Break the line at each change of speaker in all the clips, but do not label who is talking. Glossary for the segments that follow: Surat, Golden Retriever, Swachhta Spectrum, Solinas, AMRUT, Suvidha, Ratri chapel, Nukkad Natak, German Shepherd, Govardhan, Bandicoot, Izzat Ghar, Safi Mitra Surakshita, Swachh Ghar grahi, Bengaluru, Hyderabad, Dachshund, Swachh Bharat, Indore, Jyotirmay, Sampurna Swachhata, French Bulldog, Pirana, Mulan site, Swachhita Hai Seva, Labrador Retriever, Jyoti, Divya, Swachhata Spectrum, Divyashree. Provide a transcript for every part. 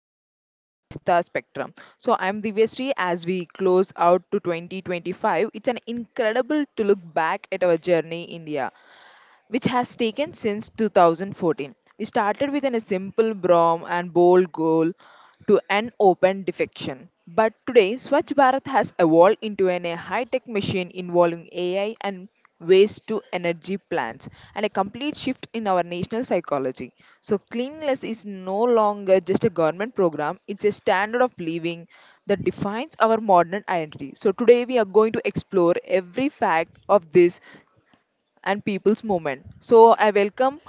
our topic is Swachhta Spectrum. So I am Divyashree, as we close out to 2025, it's an incredible to look back at our journey in India which has taken since 2014. We started with a simple Brahm and bold goal to an open defection. But today, Swachh Bharat has evolved into a high-tech machine involving AI and waste-to-energy plants and a complete shift in our national psychology. So cleanliness is no longer just a government program, it's a standard of living that defines our modern identity. So today we are going to explore every fact of this and people's movement. So I welcome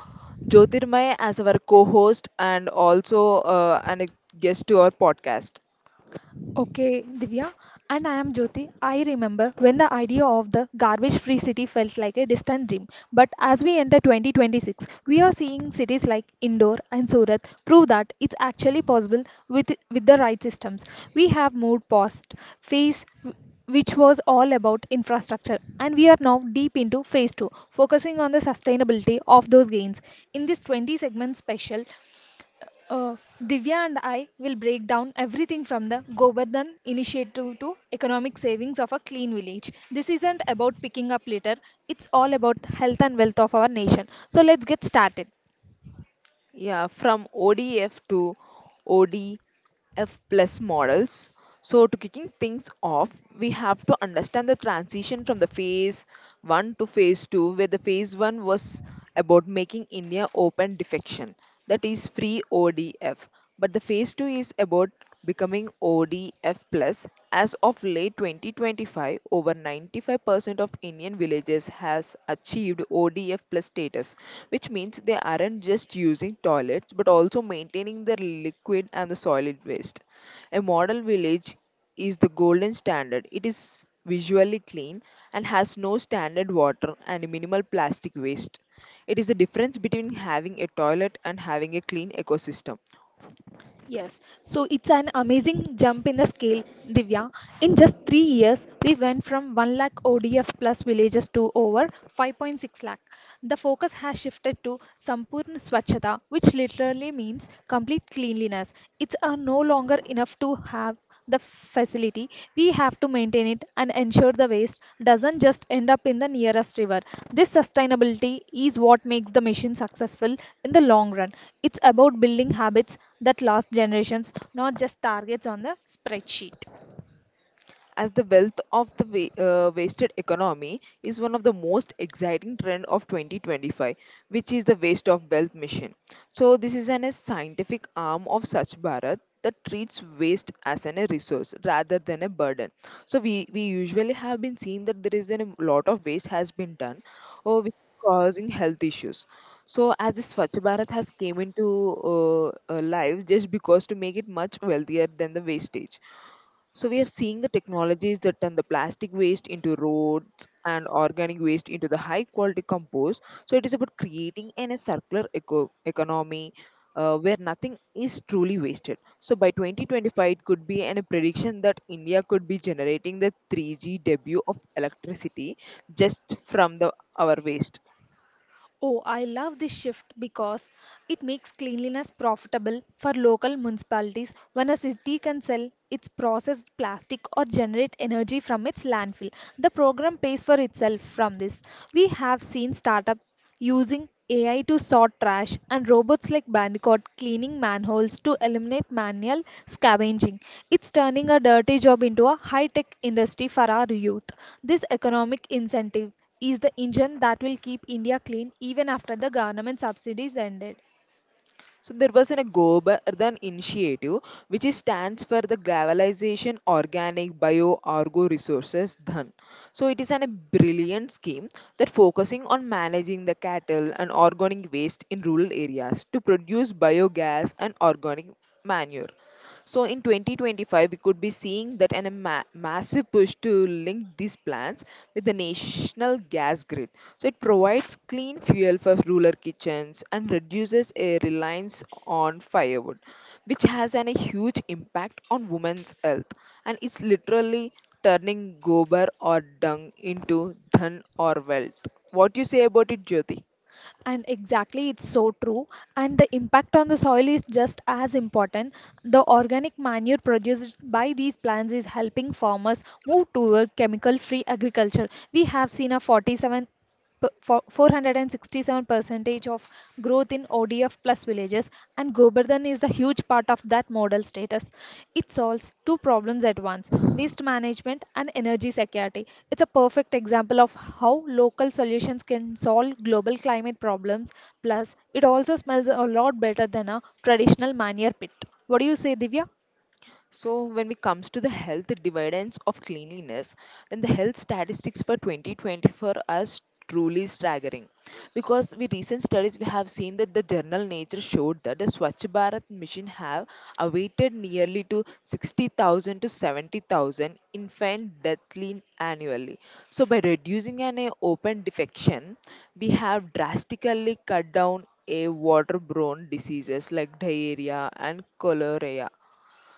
Jyotirmay as our co-host and also and a guest to our podcast.
Okay, Divya, and I am Jyoti. I remember when the idea of the garbage free city felt like a distant dream. But as we enter 2026, we are seeing cities like Indore and Surat prove that it's actually possible with the right systems. We have moved past phase which was all about infrastructure, and we are now deep into phase two, focusing on the sustainability of those gains. In this 20 segment special, uh, Divya and I will break down everything from the Govardhan initiative to economic savings of a clean village. This isn't about picking up litter, it's all about health and wealth of our nation. So let's get started.
Yeah, from ODF to ODF plus models. So to kicking things off, we have to understand the transition from the phase one to phase two, where the phase one was about making India open defection, that is free ODF. But the phase 2 is about becoming ODF plus. As of late 2025, over 95% of Indian villages has achieved ODF plus status, which means they aren't just using toilets but also maintaining their liquid and the solid waste. A model village is the golden standard. It is visually clean and has no standard water and minimal plastic waste. It is the difference between having a toilet and having a clean ecosystem.
Yes, so it's an amazing jump in the scale, Divya. In just 3 years, we went from 1 lakh ODF plus villages to over 5.6 lakh. The focus has shifted to Sampurna Swachhata, which literally means complete cleanliness. It's no longer enough to have the facility. We have to maintain it and ensure the waste doesn't just end up in the nearest river. This sustainability is what makes the mission successful in the long run. It's about building habits that last generations, not just targets on the spreadsheet.
As the wealth of the wasted economy is one of the most exciting trend of 2025, which is the waste of wealth mission. So this is an a scientific arm of such bharat that treats waste as an a resource rather than a burden. So we usually have been seeing that there is a lot of waste has been done or which is causing health issues. So as this Swachh Bharat has came into uh, life just because to make it much wealthier than the wastage. So we are seeing the technologies that turn the plastic waste into roads and organic waste into the high quality compost. So it is about creating a circular economy, where nothing is truly wasted. So by 2025, it could be a prediction that India could be generating the 3G debut of electricity just from the our waste.
Oh, I love this shift because it makes cleanliness profitable for local municipalities when a city can sell its processed plastic or generate energy from its landfill. The program pays for itself from this. We have seen startups using AI to sort trash and robots like Bandicoot cleaning manholes to eliminate manual scavenging. It's turning a dirty job into a high tech industry for our youth. This economic incentive is the engine that will keep India clean even after the government subsidies ended.
So there was a Gobardan initiative which is stands for the Globalization Organic Bio Argo Resources Dhan. So it is a brilliant scheme that focusing on managing the cattle and organic waste in rural areas to produce biogas and organic manure. So in 2025, we could be seeing that a massive push to link these plants with the national gas grid. So it provides clean fuel for rural kitchens and reduces a reliance on firewood, which has a huge impact on women's health. And it's literally turning gobar or dung into dhan or wealth. What do you say about it, Jyoti?
And exactly, it's so true. And the impact on the soil is just as important. The organic manure produced by these plants is helping farmers move toward chemical free agriculture. We have seen a 47 p- for 467 percentage of growth in ODF plus villages, and Govardhan is the huge part of that model status. It solves two problems at once: waste management and energy security. It's a perfect example of how local solutions can solve global climate problems. Plus, it also smells a lot better than a traditional manure pit. What do you say, Divya?
So, when it comes to the health dividends of cleanliness, and the health statistics for 2024 are truly staggering. Because with recent studies, we have seen that the journal Nature showed that the Swachh Bharat mission have awaited nearly to 60,000 to 70,000 infant deathly annually. So, by reducing an open defection, we have drastically cut down a waterborne diseases like diarrhea and cholera.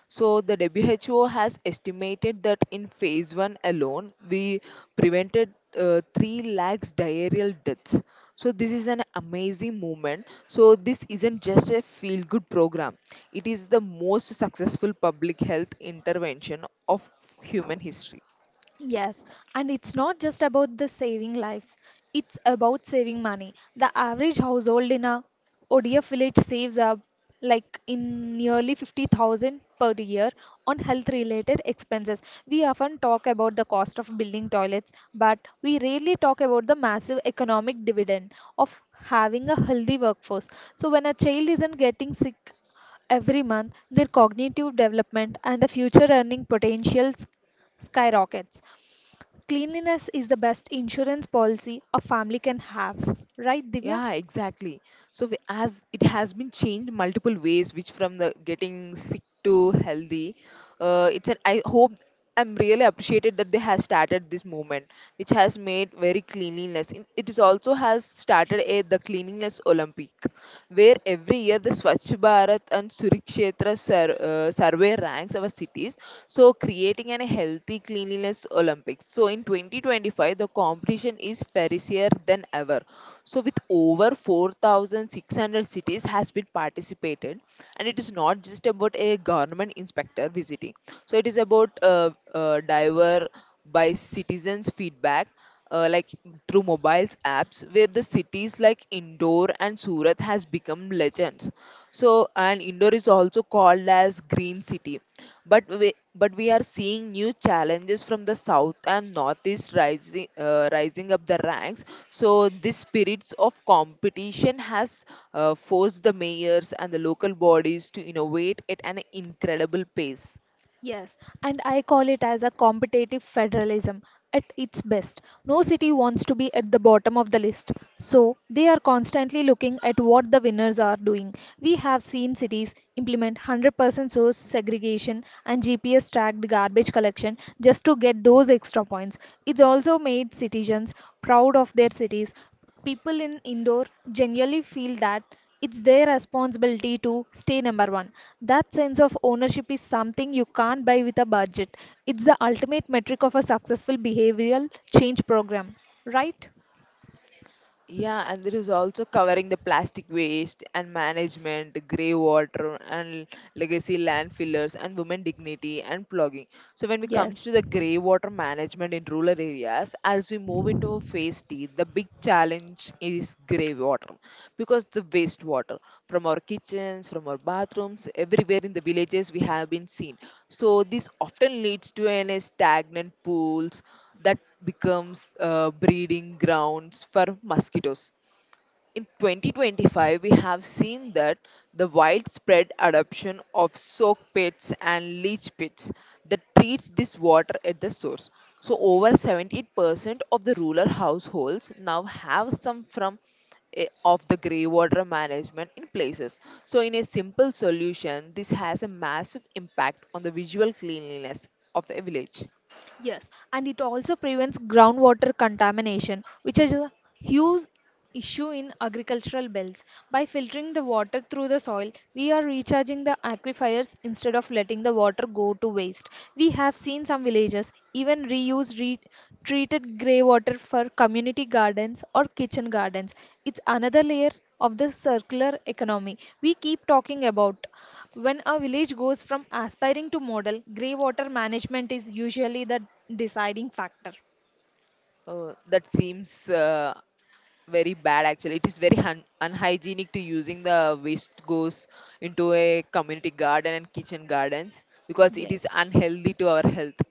So, the WHO has estimated that in phase one alone, we prevented 3 lakhs diarrheal deaths. So, this is an amazing movement. So, this isn't just a feel good program, it is the most successful public health intervention of human history.
Yes, and it's not just about the saving lives, it's about saving money. The average household in a ODF village saves up like in nearly 50,000 per year on health related expenses. We often talk about the cost of building toilets, but we rarely talk about the massive economic dividend of having a healthy workforce. So when a child isn't getting sick every month, their cognitive development and the future earning potentials skyrockets. Cleanliness is the best insurance policy a family can have, right, Divya?
Yeah, exactly. So as it has been changed multiple ways, which from the getting sick to healthy, it's an. I hope I'm really appreciated that they have started this movement, which has made very cleanliness. It is also has started a the cleanliness Olympic, where every year the Swachh Bharat and Surikshetra survey ranks our cities. So creating an healthy cleanliness Olympics. So in 2025, the competition is fiercer than ever so with over 4,600 cities has been participated and it is not just about a government inspector visiting. So it is about diver by citizens feedback, like through mobiles apps where the cities like Indore and Surat has become legends. So, and Indore is also called as green city. But we are seeing new challenges from the south and northeast rising up the ranks. So, this spirits of competition has forced the mayors and the local bodies to innovate at an incredible pace.
Yes, and I call it as a competitive federalism at its best. No city wants to be at the bottom of the list, so they are constantly looking at what the winners are doing. We have seen cities implement 100% source segregation and GPS tracked garbage collection just to get those extra points. It's also made citizens proud of their cities. People in indoor generally feel that it's their responsibility to stay number one. That sense of ownership is something you can't buy with a budget. It's the ultimate metric of a successful behavioral change program, right?
Yeah, and there is also covering the plastic waste and management, grey water and legacy landfillers and women dignity and plugging. So when it comes to
Yes.
the grey water management in rural areas, as we move into phase T, the big challenge is grey water because the wastewater from our kitchens, from our bathrooms, everywhere in the villages we have been seen. So this often leads to an stagnant pools that becomes breeding grounds for mosquitoes. In 2025, we have seen that the widespread adoption of soak pits and leach pits that treats this water at the source. So over 78% of the rural households now have some from of the grey water management in places. So in a simple solution, this has a massive impact on the visual cleanliness of a village.
Yes, and it also prevents groundwater contamination, which is a huge issue in agricultural belts. By filtering the water through the soil, we are recharging the aquifers instead of letting the water go to waste. We have seen some villages even reuse treated grey water for community gardens or kitchen gardens. It's another layer of the circular economy we keep talking about. When a village goes from aspiring to model, grey water management is usually the deciding factor.
That seems very bad actually it is very unhygienic to using the waste goes into a community garden and kitchen gardens because it is
Yes,
unhealthy to our health.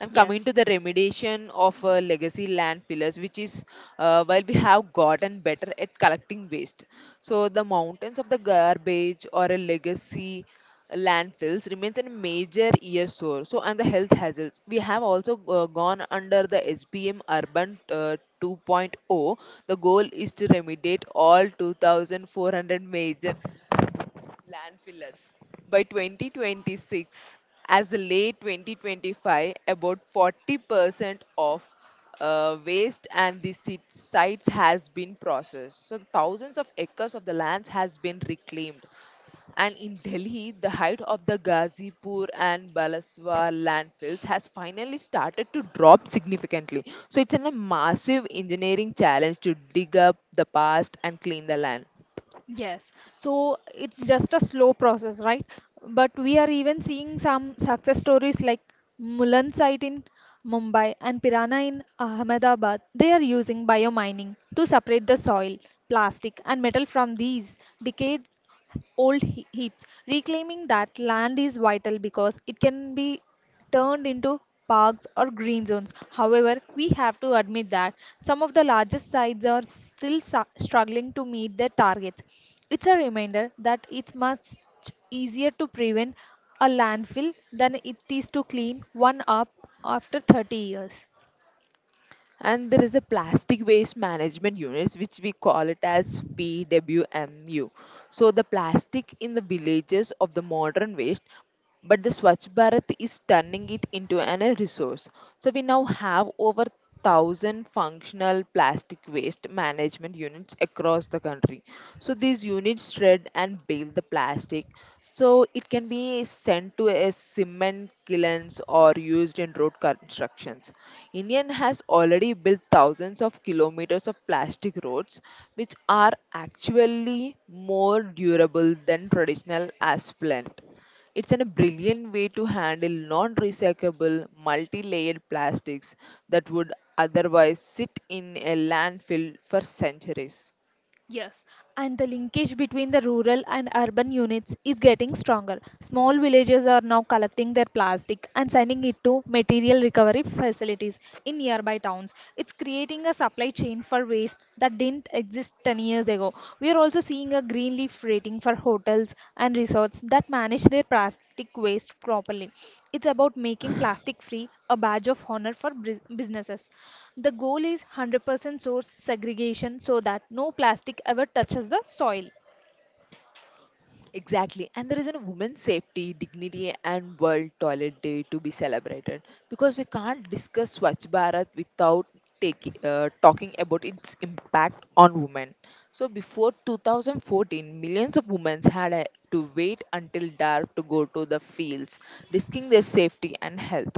And coming to
yes.
the remediation of legacy land pillars, which is while we have gotten better at collecting waste, so the mountains of the garbage or a legacy landfills remains a major year source. So and the health hazards, we have also gone under the SBM Urban 2.0. The goal is to remediate all 2,400 major landfillers by 2026 as the late 2025 about 40% of waste and the sites has been processed so thousands of acres of the lands has been reclaimed and in Delhi, the height of the Ghazipur and Balaswa landfills has finally started to drop significantly. So it's a massive engineering challenge to dig up the past and clean the land.
Yes, so it's just a slow process, right? But we are even seeing some success stories like Mulan site in Mumbai and Pirana in Ahmedabad. They are using biomining to separate the soil, plastic, and metal from these decayed old heaps. Reclaiming that land is vital because it can be turned into parks or green zones. However, we have to admit that some of the largest sites are still struggling to meet their targets. It's a reminder that it's much easier to prevent a landfill than it is to clean one up after 30 years.
And there is a plastic waste management units which we call it as pwmu. So the plastic in the villages of the modern waste but the Swachh Bharat is turning it into an a resource. So we now have over 1,000 functional plastic waste management units across the country. So these units shred and bale the plastic. So it can be sent to a cement kilns or used in road constructions. Indian has already built thousands of kilometers of plastic roads, which are actually more durable than traditional asphalt. It's a brilliant way to handle non recyclable, multi layered plastics that would otherwise sit in a landfill for centuries.
Yes, and the linkage between the rural and urban units is getting stronger. Small villages are now collecting their plastic and sending it to material recovery facilities in nearby towns. It's creating a supply chain for waste that didn't exist 10 years ago. We are also seeing a green leaf rating for hotels and resorts that manage their plastic waste properly. It's about making plastic free a badge of honor for businesses. The goal is 100% source segregation so that no plastic ever touches the soil.
Exactly. And there is a women's safety, dignity, and World Toilet Day to be celebrated because we can't discuss Swachh Bharat without talking about its impact on women. So before 2014, millions of women had to wait until dark to go to the fields, risking their safety and health.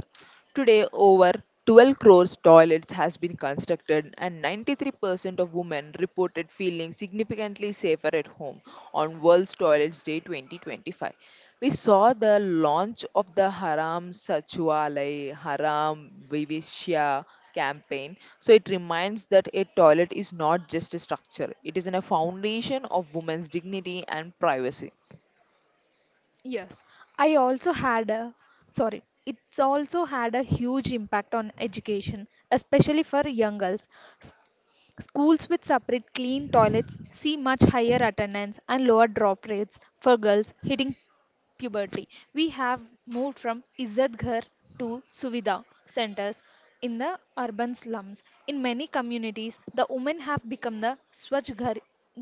Today, over 12 crores toilets has been constructed and 93% of women reported feeling significantly safer at home on World's Toilets Day 2025. We saw the launch of the Haram Sachwalay Haram Vivishya campaign. So it reminds that a toilet is not just a structure, it is in a foundation of women's dignity and privacy.
Yes, I also had a sorry, it's also had a huge impact on education, especially for young girls. S- Schools with separate clean toilets see much higher attendance and lower drop rates for girls hitting puberty. We have moved from Izzat Ghar to Suvidha centers in the urban slums. In many communities, the women have become the Swachh Ghar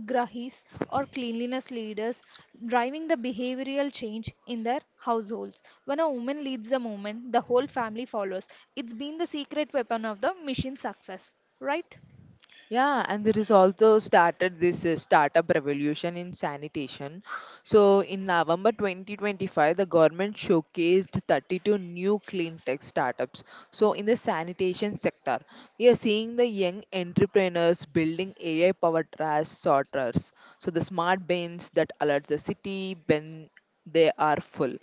grahis or cleanliness leaders, driving the behavioral change in their households. When a woman leads the movement, the whole family follows. It's been the secret weapon of the mission success, right?
Yeah, and there is also started this startup revolution in sanitation. So in November 2025, the government showcased 32 new clean tech startups. So in the sanitation sector, we are seeing the young entrepreneurs building AI-powered trash sorters. So the smart bins that alert the city when they are full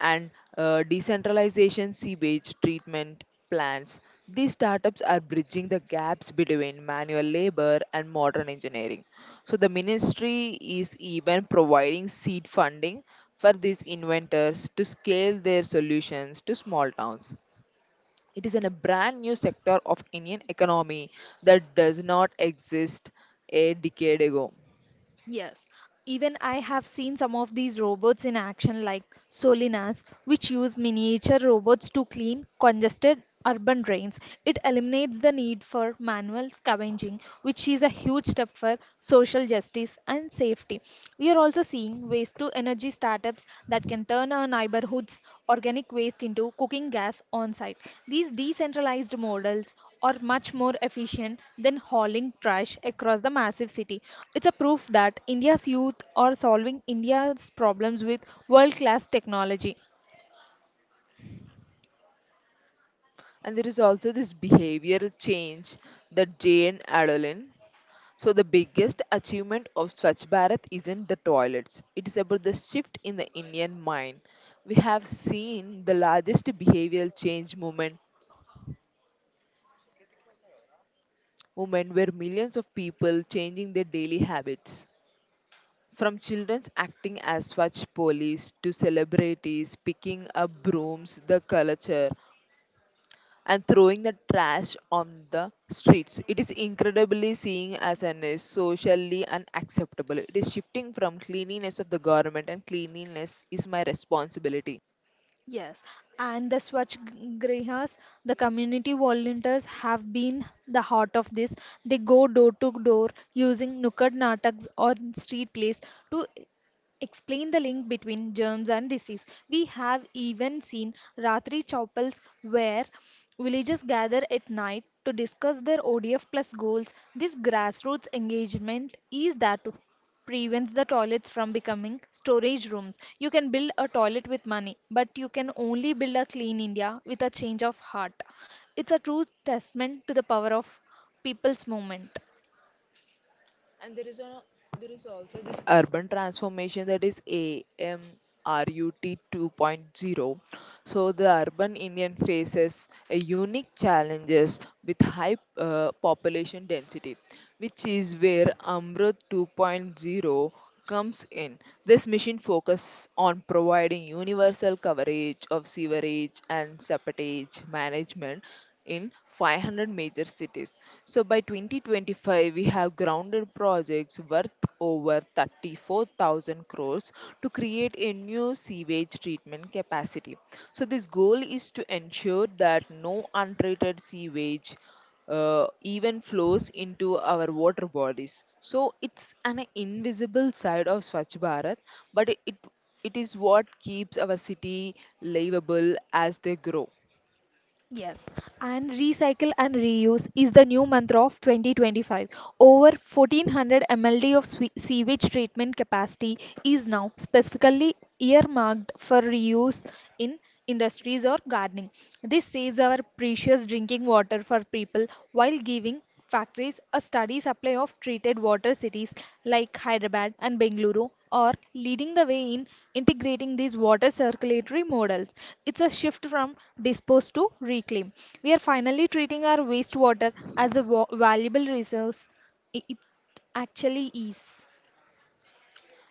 and decentralization sewage treatment plants. These startups are bridging the gaps between manual labor and modern engineering. So, the ministry is even providing seed funding for these inventors to scale their solutions to small towns. It is in a brand new sector of Indian economy that does not exist a decade ago.
Yes, even I have seen some of these robots in action, like Solinas, which use miniature robots to clean congested urban drains. It eliminates the need for manual scavenging, which is a huge step for social justice and safety. We are also seeing ways to energy startups that can turn our neighborhood's organic waste into cooking gas on site. These decentralized models are much more efficient than hauling trash across the massive city. It's a proof that India's youth are solving India's problems with world class technology.
And there is also this behavioral change that Jane Adolin. So the biggest achievement of Swachh Bharat isn't the toilets. It is about the shift in the Indian mind. We have seen the largest behavioral change movement where millions of people changing their daily habits. From children acting as Swachh police to celebrities picking up brooms, the culture and throwing the trash on the streets. It is incredibly seen as an is socially unacceptable. It is shifting from cleanliness of the government and cleanliness is my responsibility.
Yes, and the Swachh Grihas, the community volunteers, have been the heart of this. They go door to door using Nukkad Nataks or street plays to explain the link between germs and disease. We have even seen Ratri chapels where villagers gather at night to discuss their ODF plus goals. This grassroots engagement is that to prevents the toilets from becoming storage rooms. You can build a toilet with money, but you can only build a clean India with a change of heart. It's a true testament to the power of people's movement.
And there is also this urban transformation that is AMRUT 2.0. So the urban Indian faces a unique challenges with high population density, which is where Amrut 2.0 comes in. This mission focuses on providing universal coverage of sewerage and septage management in 500 major cities. So by 2025, we have grounded projects worth over 34,000 crores to create a new sewage treatment capacity. So this goal is to ensure that no untreated sewage even flows into our water bodies. So it's an invisible side of Swachh Bharat, but it is what keeps our city livable as they grow.
Yes, and recycle and reuse is the new mantra of 2025. Over 1400 mld of sewage treatment capacity is now specifically earmarked for reuse in industries or gardening. This saves our precious drinking water for people while giving factories a steady supply of treated water. Cities like Hyderabad and Bengaluru are leading the way in integrating these water circulatory models. It's a shift from dispose to reclaim. We are finally treating our wastewater as a valuable resource. It actually is.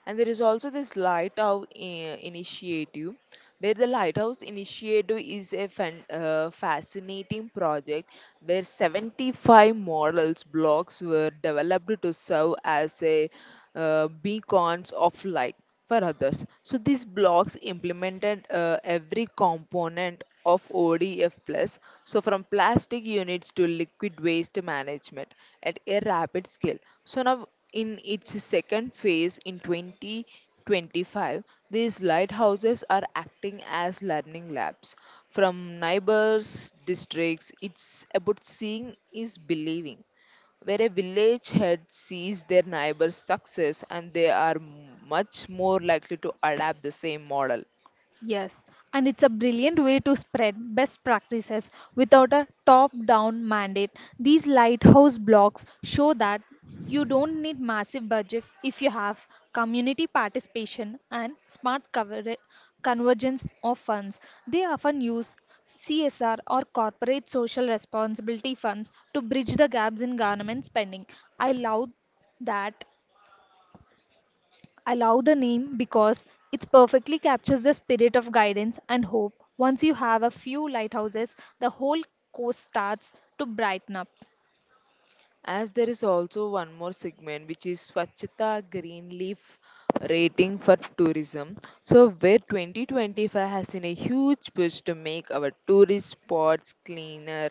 And there is also this initiative, where the lighthouse initiative is a fascinating project where 75 models blocks were developed to serve as a beacons of light for others. So these blocks implemented every component of ODF plus. So from plastic units to liquid waste management at a rapid scale. So now in its second phase in 2025, these lighthouses are acting as learning labs. From neighbors, districts, it's about seeing is believing, where a village head sees their neighbor's success and they are much more likely to adapt the same model.
Yes, and it's a brilliant way to spread best practices without a top down mandate. These lighthouse blocks show that you don't need massive budget if you have community participation and smart convergence of funds. They often use CSR or corporate social responsibility funds to bridge the gaps in government spending. I love that I love the name because it perfectly captures the spirit of guidance and hope. Once you have a few lighthouses, the whole coast starts to brighten up.
As there is also one more segment which is Swachhata Green Leaf rating for tourism. So where 2025 has seen a huge push to make our tourist spots cleaner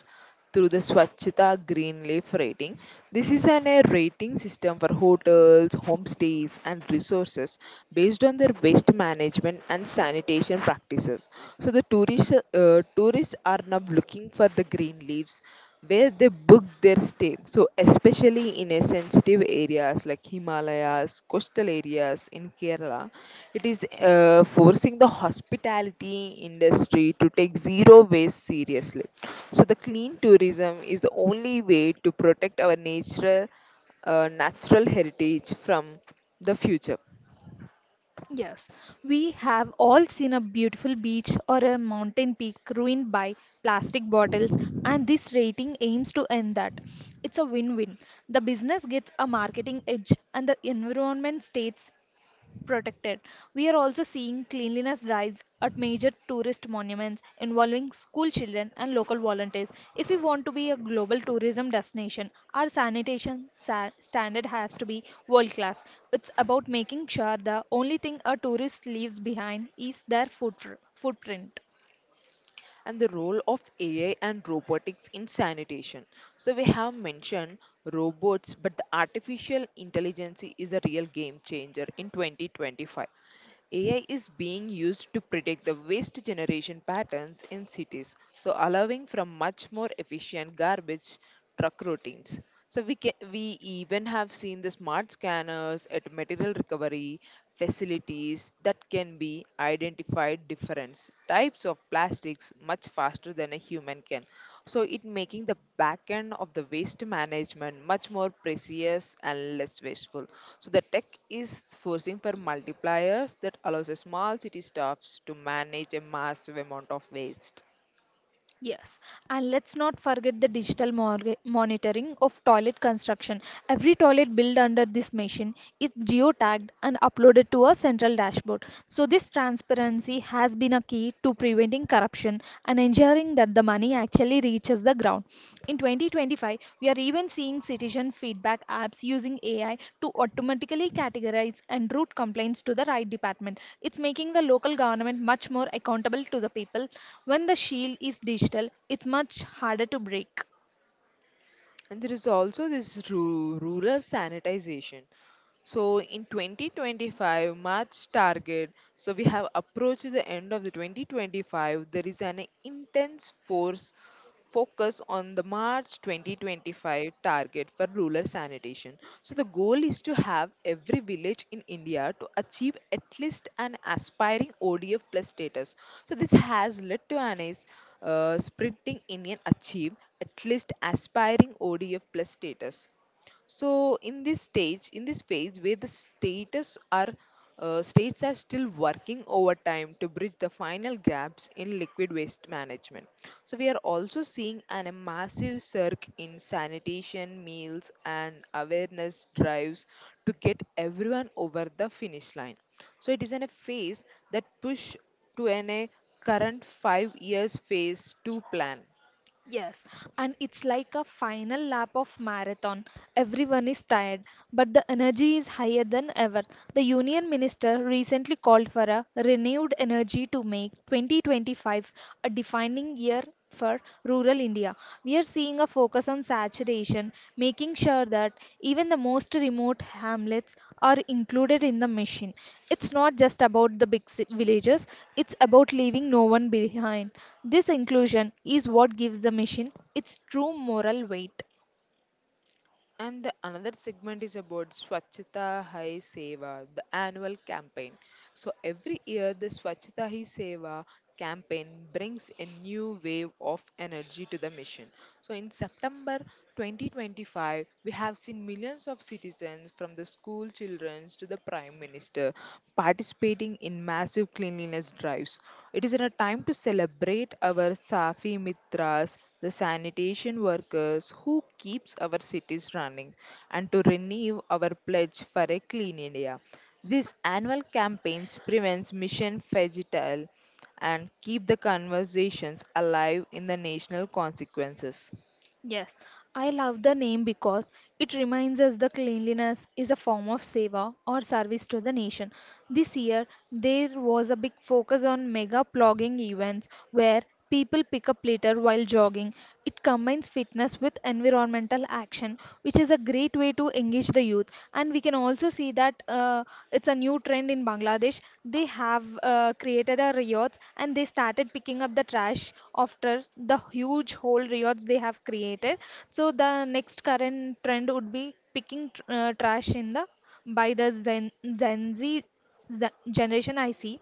through the Swachhata Green Leaf rating. This is an a rating system for hotels, homestays and resources based on their waste management and sanitation practices. So the tourists are now looking for the green leaves where they book their stay. So, especially in a sensitive areas like Himalayas, coastal areas in Kerala, it is forcing the hospitality industry to take zero waste seriously. So, the clean tourism is the only way to protect our natural heritage from the future.
Yes, we have all seen a beautiful beach or a mountain peak ruined by plastic bottles, and this rating aims to end that. It's a win win. The business gets a marketing edge, and the environment stays protected. We are also seeing cleanliness drives at major tourist monuments involving school children and local volunteers. If we want to be a global tourism destination, our sanitation standard has to be world class. It's about making sure the only thing a tourist leaves behind is their footprint.
And the role of AI and robotics in sanitation. So, we have mentioned robots, but the artificial intelligence is a real game changer in 2025. AI is being used to predict the waste generation patterns in cities, so allowing from much more efficient garbage truck routines. So we can, we even have seen the smart scanners at material recovery facilities that can be identified different types of plastics much faster than a human can, so it making the back end of the waste management much more precise and less wasteful. So the tech is forcing for multipliers that allows the small city staffs to manage a massive amount of waste.
Yes, and let's not forget the digital monitoring of toilet construction. Every toilet built under this machine is geotagged and uploaded to a central dashboard. So, this transparency has been a key to preventing corruption and ensuring that the money actually reaches the ground. In 2025, we are even seeing citizen feedback apps using AI to automatically categorize and route complaints to the right department. It's making the local government much more accountable to the people. When the shield is digital, it's much harder to break.
And there is also this rural sanitization. So in 2025 March target, so we have approached the end of the 2025. There is an intense force focus on the March 2025 target for rural sanitation. So the goal is to have every village in India to achieve at least an aspiring ODF plus status. So this has led to an is sprinting Indian achieve at least aspiring ODF plus status, so in this phase where the status are states are still working overtime to bridge the final gaps in liquid waste management. So we are also seeing a massive surge in sanitation meals and awareness drives to get everyone over the finish line. So it is in a phase that push to an a current 5 years phase 2 plan.
Yes, and it's like a final lap of marathon. Everyone is tired, but the energy is higher than ever. The union minister recently called for a renewed energy to make 2025 a defining year for rural India. We are seeing a focus on saturation, making sure that even the most remote hamlets are included in the mission. It's not just about the big villages, it's about leaving no one behind. This inclusion is what gives the mission its true moral weight.
And the another segment is about Swachhita Hai Seva, the annual campaign. So every year, the Swachhita Hai Seva campaign brings a new wave of energy to the mission. So in September 2025, we have seen millions of citizens from the school children to the Prime Minister participating in massive cleanliness drives. It is a time to celebrate our Safi Mitras, the sanitation workers who keeps our cities running, and to renew our pledge for a clean India. This annual campaigns prevents mission fagitile and keep the conversations alive in the national consequences.
Yes, I love the name because it reminds us the cleanliness is a form of seva or service to the nation. This year, there was a big focus on mega plogging events where people pick up litter while jogging. It combines fitness with environmental action, which is a great way to engage the youth, and we can also see that it's a new trend in Bangladesh. They have created a riots and they started picking up the trash after the huge whole riots they have created. So the next current trend would be picking trash in the by the Gen Z, Z generation, I see.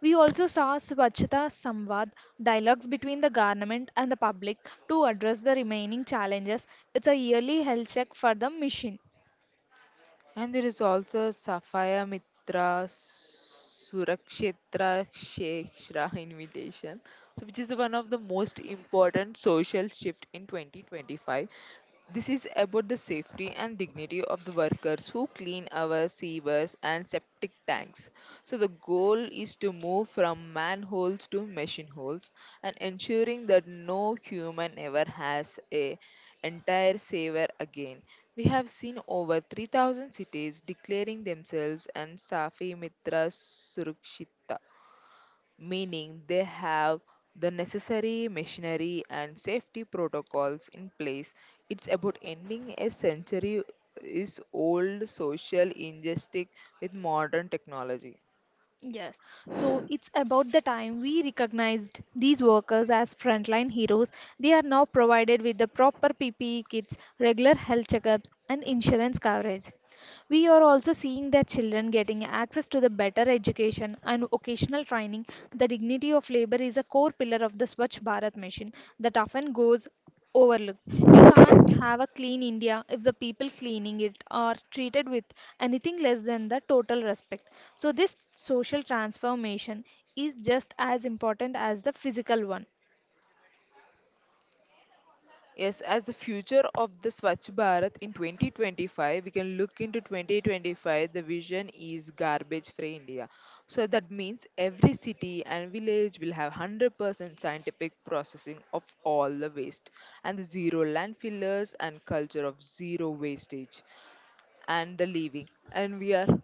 We also saw Swachhata Samvad dialogues between the government and the public to address the remaining challenges. It's a yearly health check for the mission.
And there is also Sapphire Mitra Surakshetra Shekshra invitation, so which is the one of the most important social shift in 2025. This is about the safety and dignity of the workers who clean our sewers and septic tanks. So the goal is to move from manholes to machine holes and ensuring that no human ever has a entire saver again. We have seen over 3,000 cities declaring themselves and Safi Mitra Surakshita, meaning they have the necessary machinery and safety protocols in place. It's about ending a century is old social injustice with modern technology.
Yes, so it's about the time we recognized these workers as frontline heroes. They are now provided with the proper PPE kits, regular health checkups, and insurance coverage. We are also seeing their children getting access to the better education and vocational training. The dignity of labor is a core pillar of the Swachh Bharat mission that often goes overlooked. You can't have a clean India if the people cleaning it are treated with anything less than the total respect. So, this social transformation is just as important as the physical one.
Yes, as the future of the Swachh Bharat in 2025, we can look into 2025. The vision is garbage free India. So that means every city and village will have 100% scientific processing of all the waste and the zero landfillers and culture of zero wastage and the leaving. And we are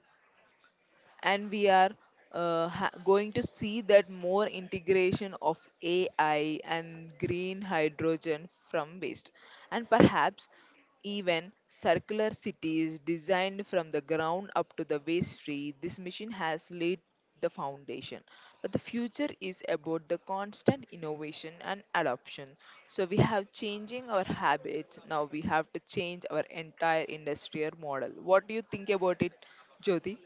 and we are ha- going to see that more integration of AI and green hydrogen from waste, and perhaps even circular cities designed from the ground up to the waste free. This mission has laid the foundation, but the future is about the constant innovation and adoption. So we have changing our habits. Now we have to change our entire industrial model. What do you think about it, Jyoti?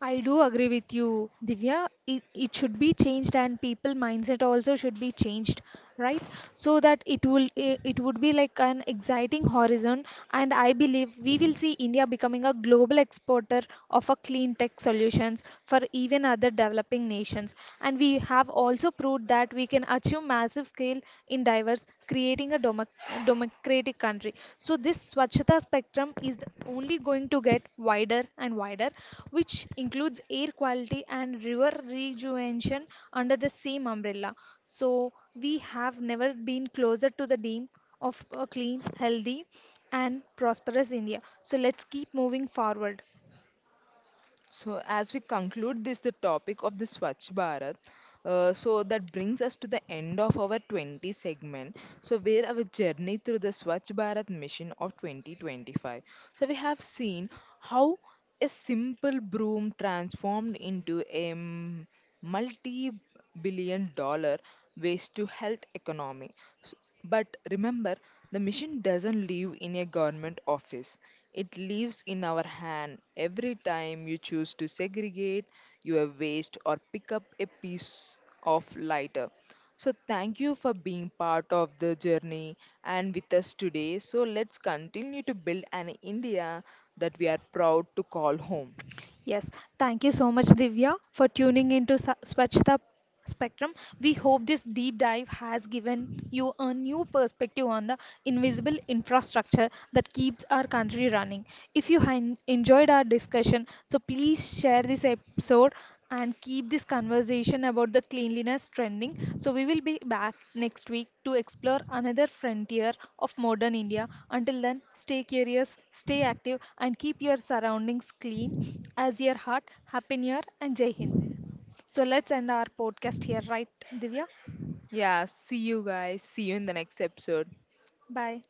I do agree with you, Divya. It should be changed, and people mindset also should be changed, right? So that it will it would be like an exciting horizon, and I believe we will see India becoming a global exporter of a clean tech solutions for even other developing nations. And we have also proved that we can achieve massive scale in diverse, creating a democratic country. So this Swachhata spectrum is only going to get wider and wider, which includes air quality and river rejuvenation under the same umbrella. So we have never been closer to the dream of a clean, healthy, and prosperous India. So let's keep moving forward.
So, as we conclude this, the topic of the Swachh Bharat, so that brings us to the end of our 20 segment. So, where our journey through the Swachh Bharat mission of 2025. So, we have seen how a simple broom transformed into a multi billion dollar waste to health economy. S- But remember, the mission doesn't live in a government office. It lives in our hand. Every time you choose to segregate your waste or pick up a piece of lighter. So thank you for being part of the journey and with us today. So let's continue to build an India that we are proud to call home.
Yes, thank you so much, Divya, for tuning into Swachhta Spectrum. We hope this deep dive has given you a new perspective on the invisible infrastructure that keeps our country running. If you enjoyed our discussion, so please share this episode and keep this conversation about the cleanliness trending. So we will be back next week to explore another frontier of modern India. Until then, stay curious, stay active, and keep your surroundings clean as your heart. Happy New Year and Jai Hind. So let's end our podcast here, right, Divya?
Yeah, see you guys. See you in the next episode.
Bye.